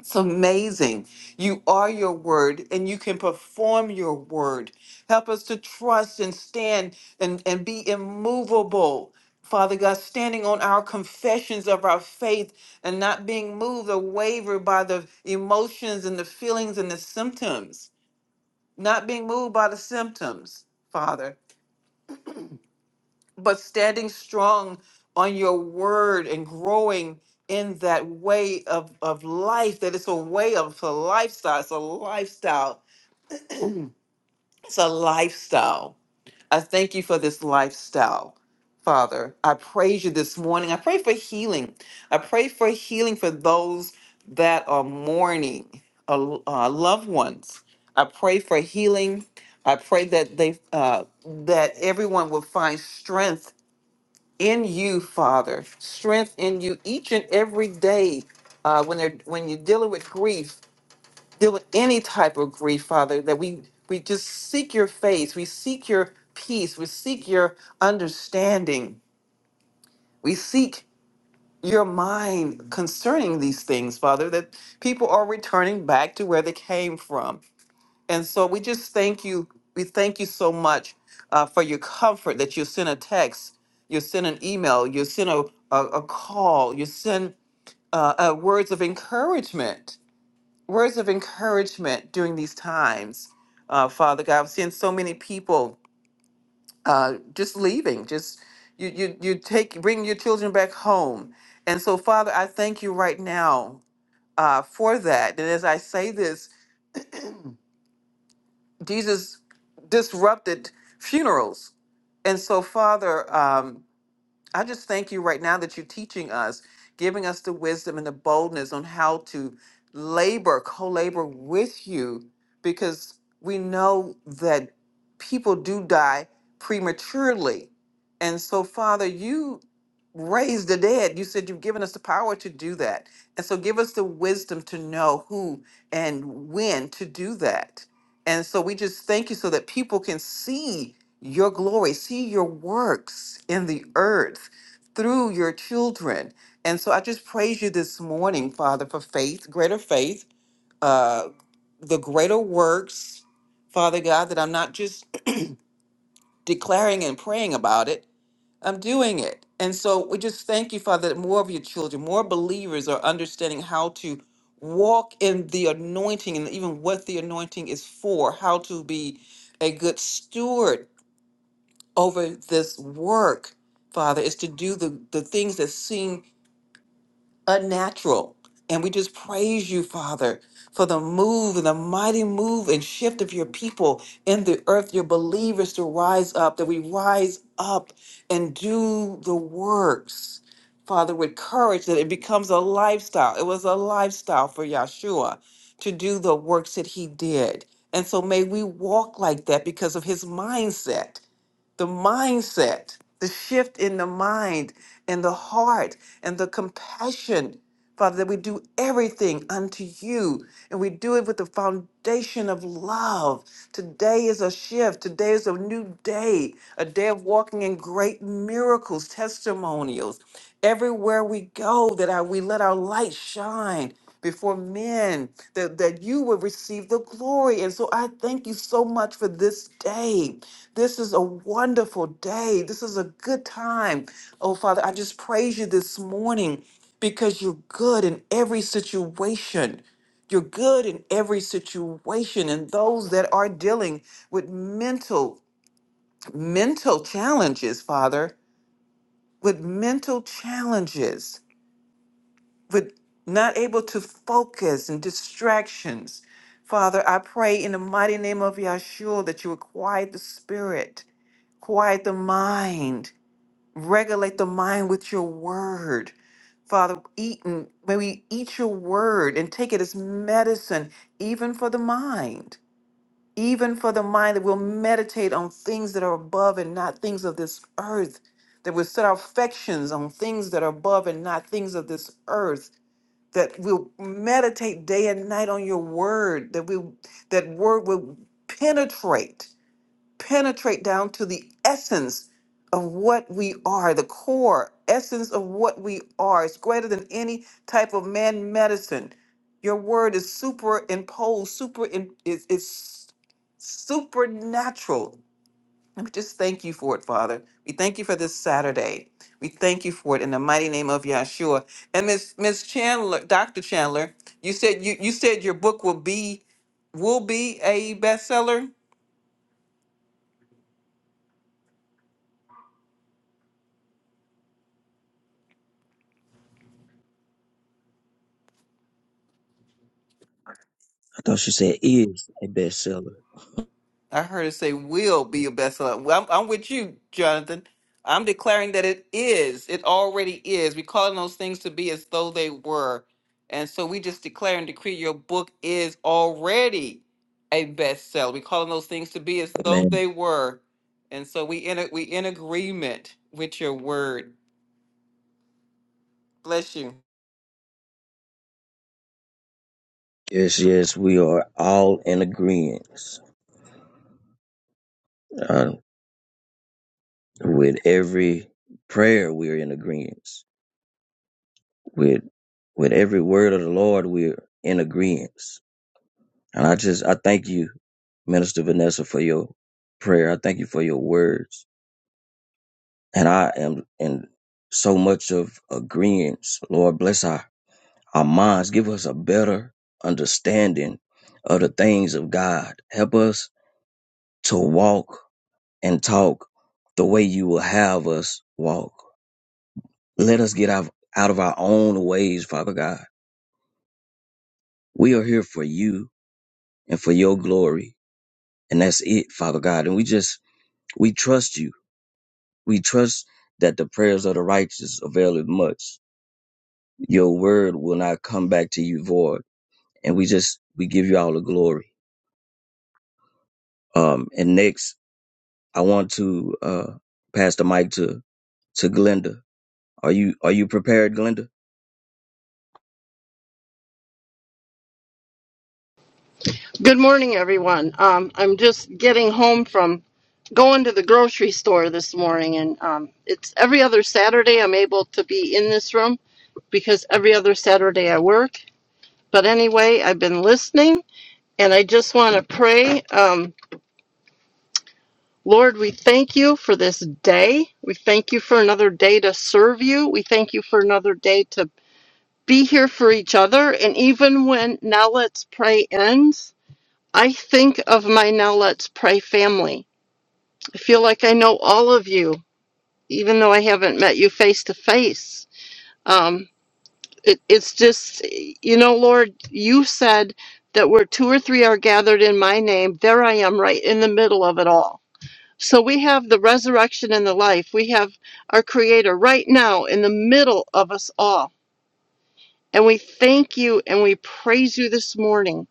it's amazing. You are your word and you can perform your word. Help us to trust and stand and, and be immovable. Father God, standing on our confessions of our faith and not being moved or wavered by the emotions and the feelings and the symptoms not being moved by the symptoms, Father, but standing strong on your word and growing in that way of, of life, that it's a way of it's a lifestyle. It's a lifestyle. It's a lifestyle. I thank you for this lifestyle, Father. I praise you this morning. I pray for healing. I pray for healing for those that are mourning uh, uh, loved ones. I pray for healing. I pray that they uh, that everyone will find strength in you, Father. Strength in you each and every day uh, when they're when you're dealing with grief deal with any type of grief, Father, that we we just seek your face, we seek your peace, we seek your understanding, we seek your mind concerning these things, Father, that people are returning back to where they came from. And so we just thank you. We thank you so much uh, for your comfort that you send a text, you send an email, you send a, a, a call, you send uh, uh, words of encouragement words of encouragement during these times, uh, Father God. I'm seeing so many people uh, just leaving. Just you, you, you take bring your children back home, and so Father, I thank you right now uh, for that. And as I say this, Jesus disrupted funerals, and so Father. Um, I just thank you right now that you're teaching us, giving us the wisdom and the boldness on how to labor, co labor with you, because we know that people do die prematurely. And so, Father, you raise the dead. You said you've given us the power to do that. And so, give us the wisdom to know who and when to do that. And so, we just thank you so that people can see your glory, see your works in the earth through your children. And so I just praise you this morning, Father, for faith, greater faith, uh, the greater works, Father God, that I'm not just <clears throat> declaring and praying about it, I'm doing it. And so we just thank you, Father, that more of your children, more believers are understanding how to walk in the anointing and even what the anointing is for, how to be a good steward over this work, Father, is to do the, the things that seem unnatural. And we just praise you, Father, for the move and the mighty move and shift of your people in the earth, your believers to rise up, that we rise up and do the works, Father, with courage, that it becomes a lifestyle. It was a lifestyle for Yahshua to do the works that he did. And so may we walk like that because of his mindset the mindset, the shift in the mind and the heart and the compassion, Father, that we do everything unto you and we do it with the foundation of love. Today is a shift. Today is a new day, a day of walking in great miracles, testimonials. Everywhere we go, that our, we let our light shine before men, that, that you will receive the glory. And so I thank you so much for this day. This is a wonderful day. This is a good time. Oh, Father, I just praise you this morning because you're good in every situation. You're good in every situation. And those that are dealing with mental, mental challenges, Father, with mental challenges, with not able to focus and distractions. Father, I pray in the mighty name of Yahshua that you would quiet the spirit, quiet the mind, regulate the mind with your word. Father, eat and may we eat your word and take it as medicine, even for the mind, even for the mind that will meditate on things that are above and not things of this earth, that will set our affections on things that are above and not things of this earth, that will meditate day and night on your word, that we that word will penetrate penetrate down to the essence of what we are, the core essence of what we are. It's greater than any type of man medicine. Your word is superimposed, super in, is it's supernatural. And we just thank you for it, Father. We thank you for this Saturday. We thank you for it in the mighty name of Yahshua. And Miss Miss Chandler, Dr. Chandler, you said you, you said your book will be will be a bestseller. I thought she said is a bestseller. I heard it say will be a bestseller. Well, I'm, I'm with you, Jonathan. I'm declaring that it is. It already is. We're calling those things to be as though they were. And so we just declare and decree your book is already a bestseller. We're calling those things to be as though Amen. they were. And so we in a, we in agreement with your word. Bless you. Yes, yes, we are all in agreement uh, with every prayer. We're in agreement with with every word of the Lord. We're in agreement. And I just, I thank you, Minister Vanessa, for your prayer. I thank you for your words. And I am in so much of agreement. Lord, bless our, our minds. Give us a better understanding of the things of God. Help us to walk and talk the way you will have us walk. Let us get out, out of our own ways, Father God. We are here for you and for your glory. And that's it, Father God. And we just, we trust you. We trust that the prayers of the righteous availeth much. Your word will not come back to you void. And we just, we give you all the glory. Um, and next, I want to, uh, pass the mic to, to Glenda. Are you, are you prepared, Glenda? Good morning, everyone. Um, I'm just getting home from going to the grocery store this morning, and um, it's every other Saturday I'm able to be in this room because every other Saturday I work. But anyway, I've been listening, and I just want to pray. Um, Lord, we thank you for this day. We thank you for another day to serve you. We thank you for another day to be here for each other. And even when Now Let's Pray ends, I think of my Now Let's Pray family I feel like I know all of you, even though I haven't met you face to face. Um, it, it's just, you know, Lord, you said that where two or three are gathered in my name, there I am right in the middle of it all. So we have the resurrection and the life. We have our Creator right now in the middle of us all. And we thank you and we praise you this morning.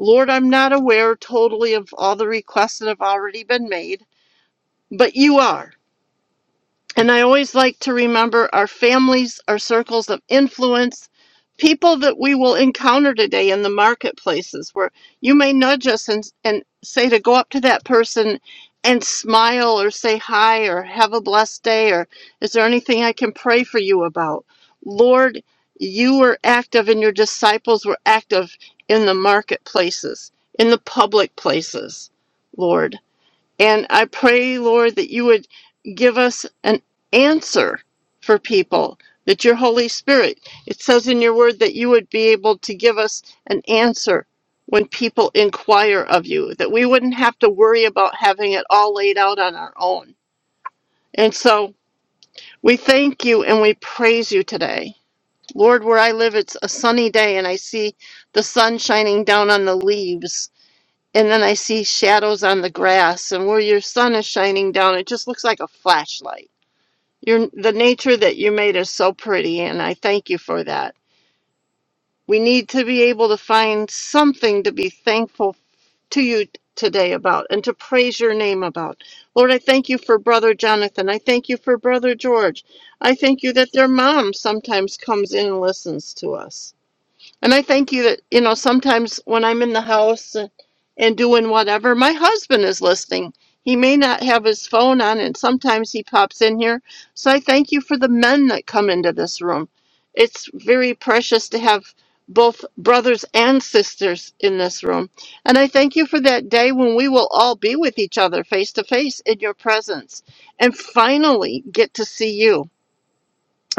Lord, I'm not aware totally of all the requests that have already been made, but you are. And I always like to remember our families, our circles of influence, people that we will encounter today in the marketplaces where you may nudge us and, and say to go up to that person and smile or say hi or have a blessed day or is there anything I can pray for you about? Lord, you were active and your disciples were active in the marketplaces, in the public places, Lord. And I pray, Lord, that you would give us an answer for people, that your Holy Spirit, it says in your word that you would be able to give us an answer when people inquire of you, that we wouldn't have to worry about having it all laid out on our own. And so we thank you and we praise you today. Lord, where I live, it's a sunny day and I see the sun shining down on the leaves and then I see shadows on the grass, and where your sun is shining down, it just looks like a flashlight. Your the nature that you made is so pretty, and I thank you for that. We need to be able to find something to be thankful to you today about and to praise your name about. Lord, I thank you for Brother Jonathan. I thank you for Brother George. I thank you that their mom sometimes comes in and listens to us. And I thank you that, you know, sometimes when I'm in the house and, and doing whatever, my husband is listening. He may not have his phone on, and sometimes he pops in here. So I thank you for the men that come into this room. It's very precious to have both brothers and sisters in this room. And I thank you for that day when we will all be with each other face to face in your presence and finally get to see you.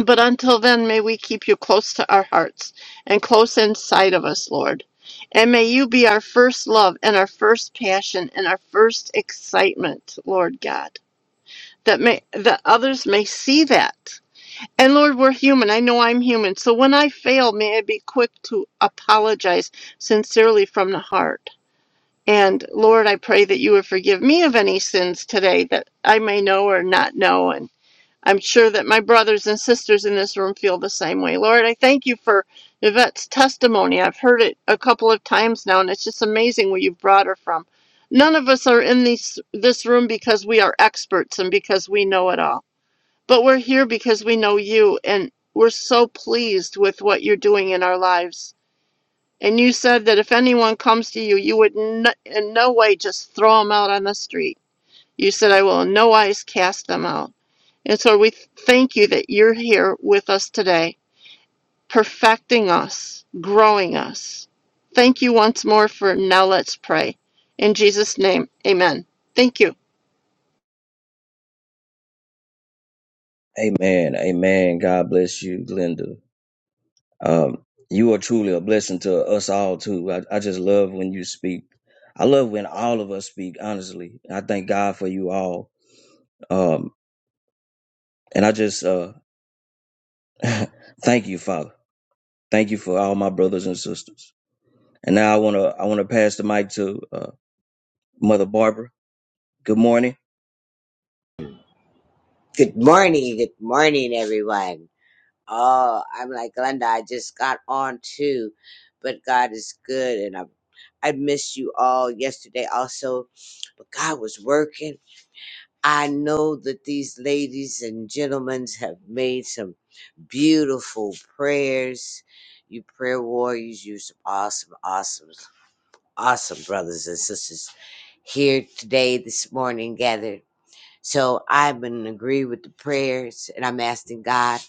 But until then, may we keep you close to our hearts and close inside of us, Lord. And may you be our first love and our first passion and our first excitement, Lord God, that may that others may see that. And Lord, we're human. I know I'm human. So when I fail, may I be quick to apologize sincerely from the heart. And Lord, I pray that you would forgive me of any sins today that I may know or not know And I'm sure that my brothers and sisters in this room feel the same way. Lord, I thank you for Yvette's testimony. I've heard it a couple of times now, and it's just amazing where you've brought her from. None of us are in these, this room because we are experts and because we know it all, but we're here because we know you, and we're so pleased with what you're doing in our lives. And you said that if anyone comes to you, you would n- in no way just throw them out on the street you said, I will in no wise cast them out. And so we thank you that you're here with us today, perfecting us, growing us. Thank you once more for now let's pray. In Jesus' name, amen. Thank you. Amen. Amen. God bless you, Glenda. Um, you are truly a blessing to us all too. I, I just love when you speak. I love when all of us speak, honestly. I thank God for you all. Um, and I just, uh, <laughs> thank you, Father. Thank you for all my brothers and sisters. And now I want to I want to pass the mic to uh, Mother Barbara. Good morning. Good morning, good morning, everyone. Oh, I'm like Glenda. I just got on too, but God is good, and I I missed you all yesterday also, but God was working. I know that these ladies and gentlemen have made some beautiful prayers. You prayer warriors, you some awesome, awesome, awesome brothers and sisters here today, this morning gathered. So I'm in agree with the prayers, and I'm asking God,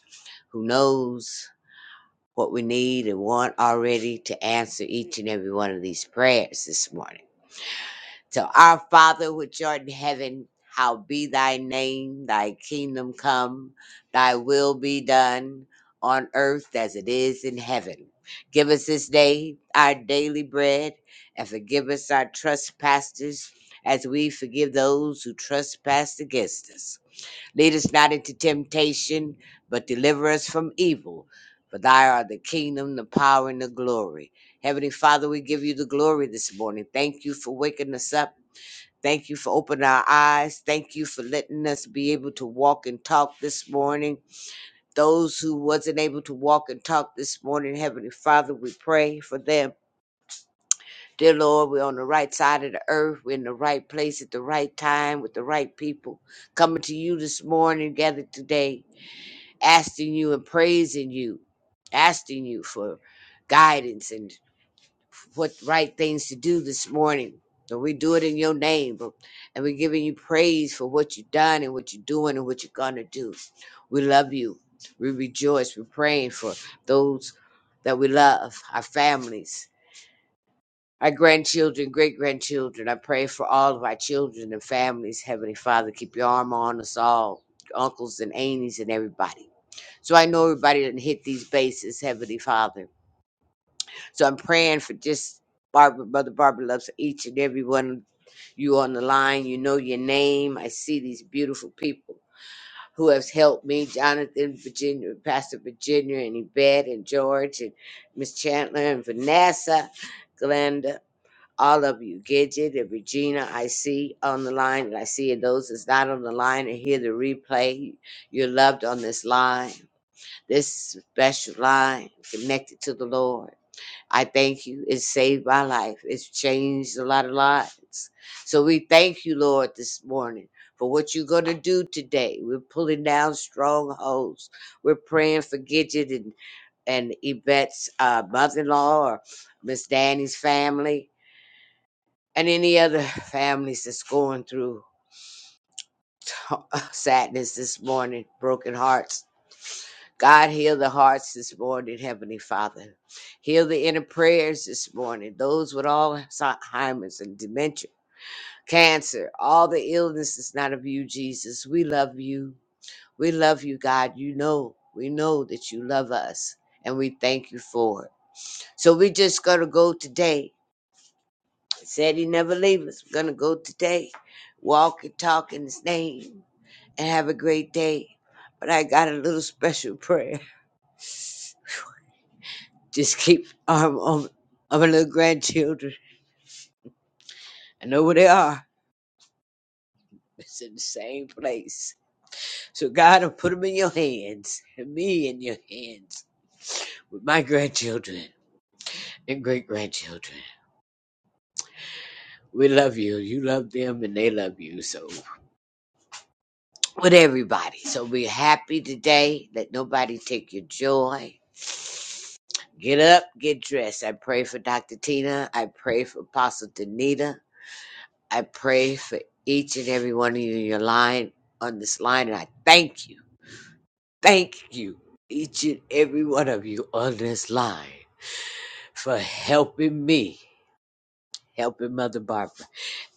who knows what we need and want already, to answer each and every one of these prayers this morning. So, our Father, which art in heaven, how be thy name, thy kingdom come, thy will be done on earth as it is in heaven. Give us this day our daily bread, and forgive us our trespasses as we forgive those who trespass against us Lead us not into temptation, but deliver us from evil. For thy art the kingdom, the power, and the glory. Heavenly Father, we give you the glory this morning. Thank you for waking us up. Thank you for opening our eyes. Thank you for letting us be able to walk and talk this morning. Those who wasn't able to walk and talk this morning, Heavenly Father, we pray for them. Dear Lord, we're on the right side of the earth. We're in the right place at the right time with the right people. Coming to you this morning, gathered today asking you and praising you, asking you for guidance and what right things to do this morning. So we do it in your name, but- and we're giving you praise for what you've done and what you're doing and what you're gonna do. We love you. We rejoice. We're praying for those that we love, our families, our grandchildren, great grandchildren. I pray for all of our children and families. Heavenly Father, keep your arm on us all, uncles and aunties and everybody. So I know everybody didn't hit these bases, Heavenly Father. So I'm praying for just Barbara, Mother Barbara loves each and every one of you on the line. You know your name. I see these beautiful people who have helped me, Jonathan, Virginia, Pastor Virginia, and Yvette, and George, and Miss Chandler, and Vanessa, Glenda. All of you, Gidget and Regina, I see on the line, and I see those that's not on the line and hear the replay. You're loved on this line this special line connected to the Lord. I thank you. It saved my life. It's changed a lot of lives. So we thank you, Lord, this morning for what you're going to do today. We're pulling down strongholds. We're praying for Gidget and, and Yvette's uh, mother-in-law or Miss Danny's family and any other <laughs> families that's going through <laughs> sadness this morning, broken hearts God, heal the hearts this morning, Heavenly Father. Heal the inner prayers this morning, those with Alzheimer's and dementia, cancer, all the illnesses not of you, Jesus. We love you. We love you, God. You know, we know that you love us, and we thank you for it. So we just going to go today. He said he never leave us. We're going to go today, walk and talk in his name, and have a great day. But I got a little special <laughs> prayer. Just keep um on of our little grandchildren. I know where they are. It's in the same place. So God, I put them in your hands, and me in your hands, with my grandchildren and great grandchildren. We love you. You love them, and they love you. So with everybody. So be happy today. Let nobody take your joy. Get up, get dressed. I pray for Dr. Tina. I pray for Apostle Danita. I pray for each and every one of you in your line on this line, and I thank you, thank you, each and every one of you on this line for helping me, helping Mother Barbara,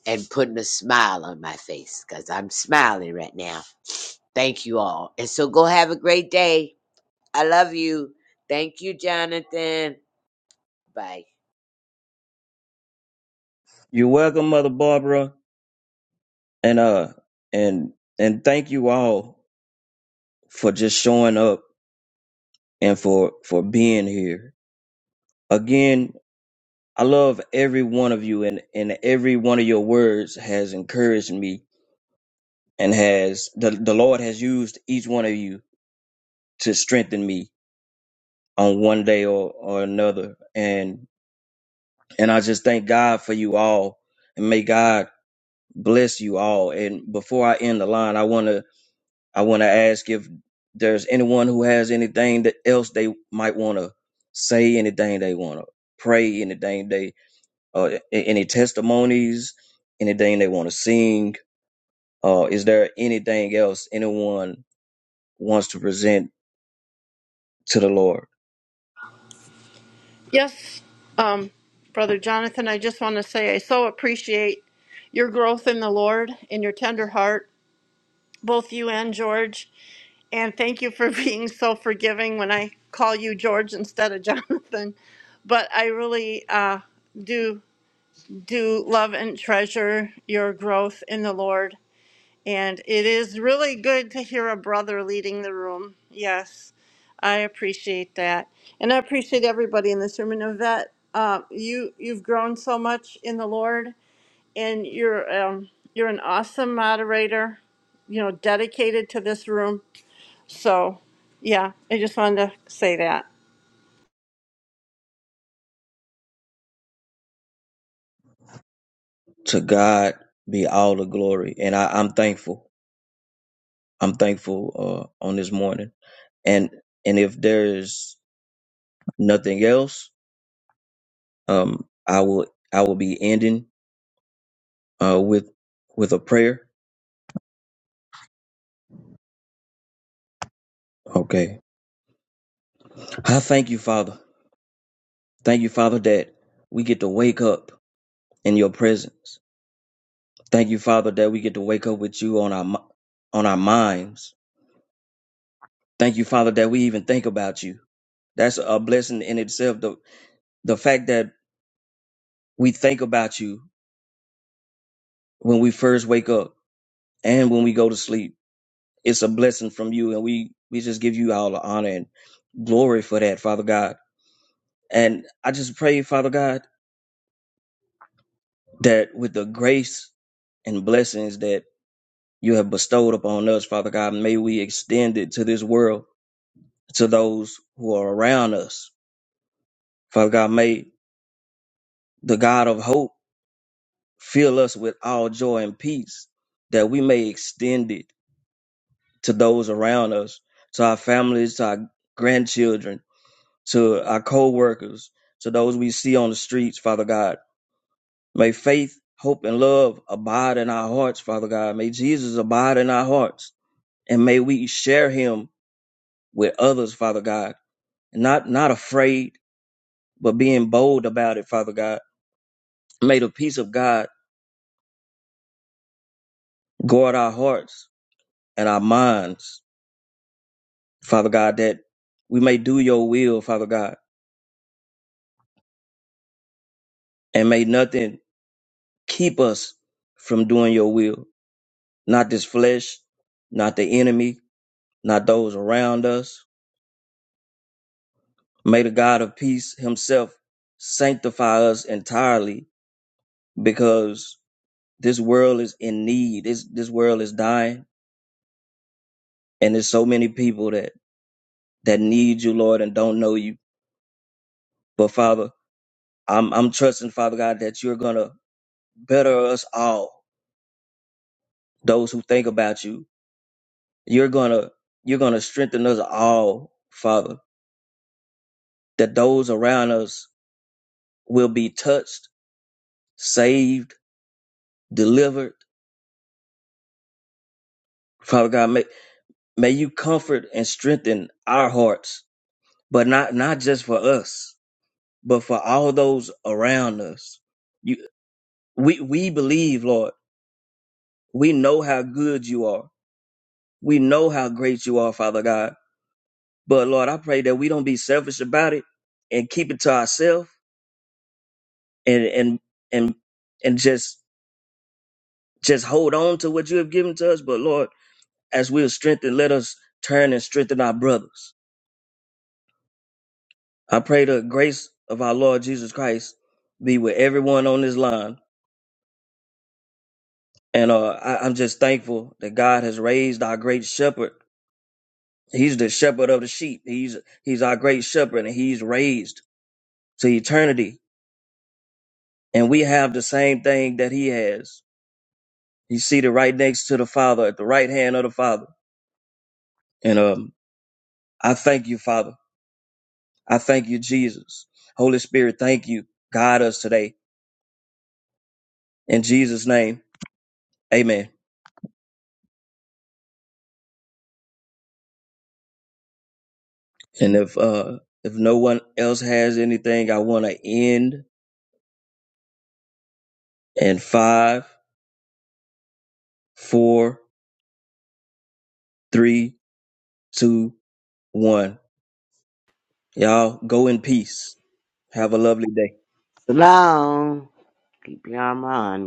and putting a smile on my face because I'm smiling right now. Thank you all. And so go have a great day. I love you. Thank you, Jonathan. Bye. You're welcome, Mother Barbara. And uh and and thank you all for just showing up and for for being here. Again, I love every one of you and and every one of your words has encouraged me and has the, the Lord has used each one of you to strengthen me on one day or, or another. And And I just thank God for you all and may God bless you all. And before I end the line, I want to I want to ask if there's anyone who has anything that else they might want to say, anything they want to pray, anything they uh, a- any testimonies, anything they want to sing. Uh, is there anything else anyone wants to present to the Lord? Yes, um, Brother Jonathan, I just want to say I so appreciate your growth in the Lord and your tender heart both you and George. And thank you for <laughs> being so forgiving when I call you George instead of <laughs> Jonathan. But I really uh, do do love and treasure your growth in the Lord. And it is really good to hear a brother leading the room. Yes, I appreciate that, and I appreciate everybody in this room. And Yvette, uh, you you've grown so much in the Lord, and you're um, you're an awesome moderator. You know, dedicated to this room. So, yeah, I just wanted to say that. To God be all the glory, and I, I'm thankful. I'm thankful uh, on this morning. and and if there's nothing else um i will i will be ending uh with with a prayer okay i thank you father thank you father that we get to wake up in your presence thank you father that we get to wake up with you on our mi- on our minds thank you father that we even think about you that's a blessing in itself the the fact that we think about you when we first wake up and when we go to sleep it's a blessing from you and we we just give you all the honor and glory for that father god and i just pray father god that with the grace and blessings that you have bestowed upon us father god may we extend it to this world to those who are around us father god may the god of hope fill us with all joy and peace that we may extend it to those around us to our families to our grandchildren to our co-workers, to those we see on the streets, Father God. May faith, hope, and love abide in our hearts, Father God. May Jesus abide in our hearts. And may we share him with others, Father God. Not not afraid, but being bold about it, Father God. May the peace of God guard our hearts and our minds, Father God, that we may do your will, Father God. And may nothing keep us from doing your will. Not this flesh, not the enemy, not those around us. May the God of peace himself sanctify us entirely because this world is in need. This this world is dying and there's so many people that that need you, Lord, and don't know you. But Father, I'm I'm trusting, Father God, that you're gonna better us all, those who think about you. You're gonna you're gonna strengthen us all, Father, that those around us will be touched, saved, delivered. Father God, may May you comfort and strengthen our hearts, but not, not just for us, but for all those around us. You, we, we believe, Lord. We know how good you are. We know how great you are, Father God. But Lord, I pray that we don't be selfish about it and keep it to ourselves and, and, and, and just, just hold on to what you have given to us. But Lord, as we are strengthened, let us turn and strengthen our brothers I pray the grace of our Lord Jesus Christ be with everyone on this line. And uh, I, I'm just thankful that God has raised our great shepherd. He's the shepherd of the sheep. He's he's our great shepherd, and he's raised to eternity. And we have the same thing that he has. He's seated right next to the Father, at the right hand of the Father. And um, I thank you, Father. I thank you, Jesus. Holy Spirit, thank you. Guide us today. In Jesus' name, amen. And if uh if no one else has anything, I want to end in five, four, three, two, one. Y'all go in peace. Have a lovely day. Shalom. Keep your arm on.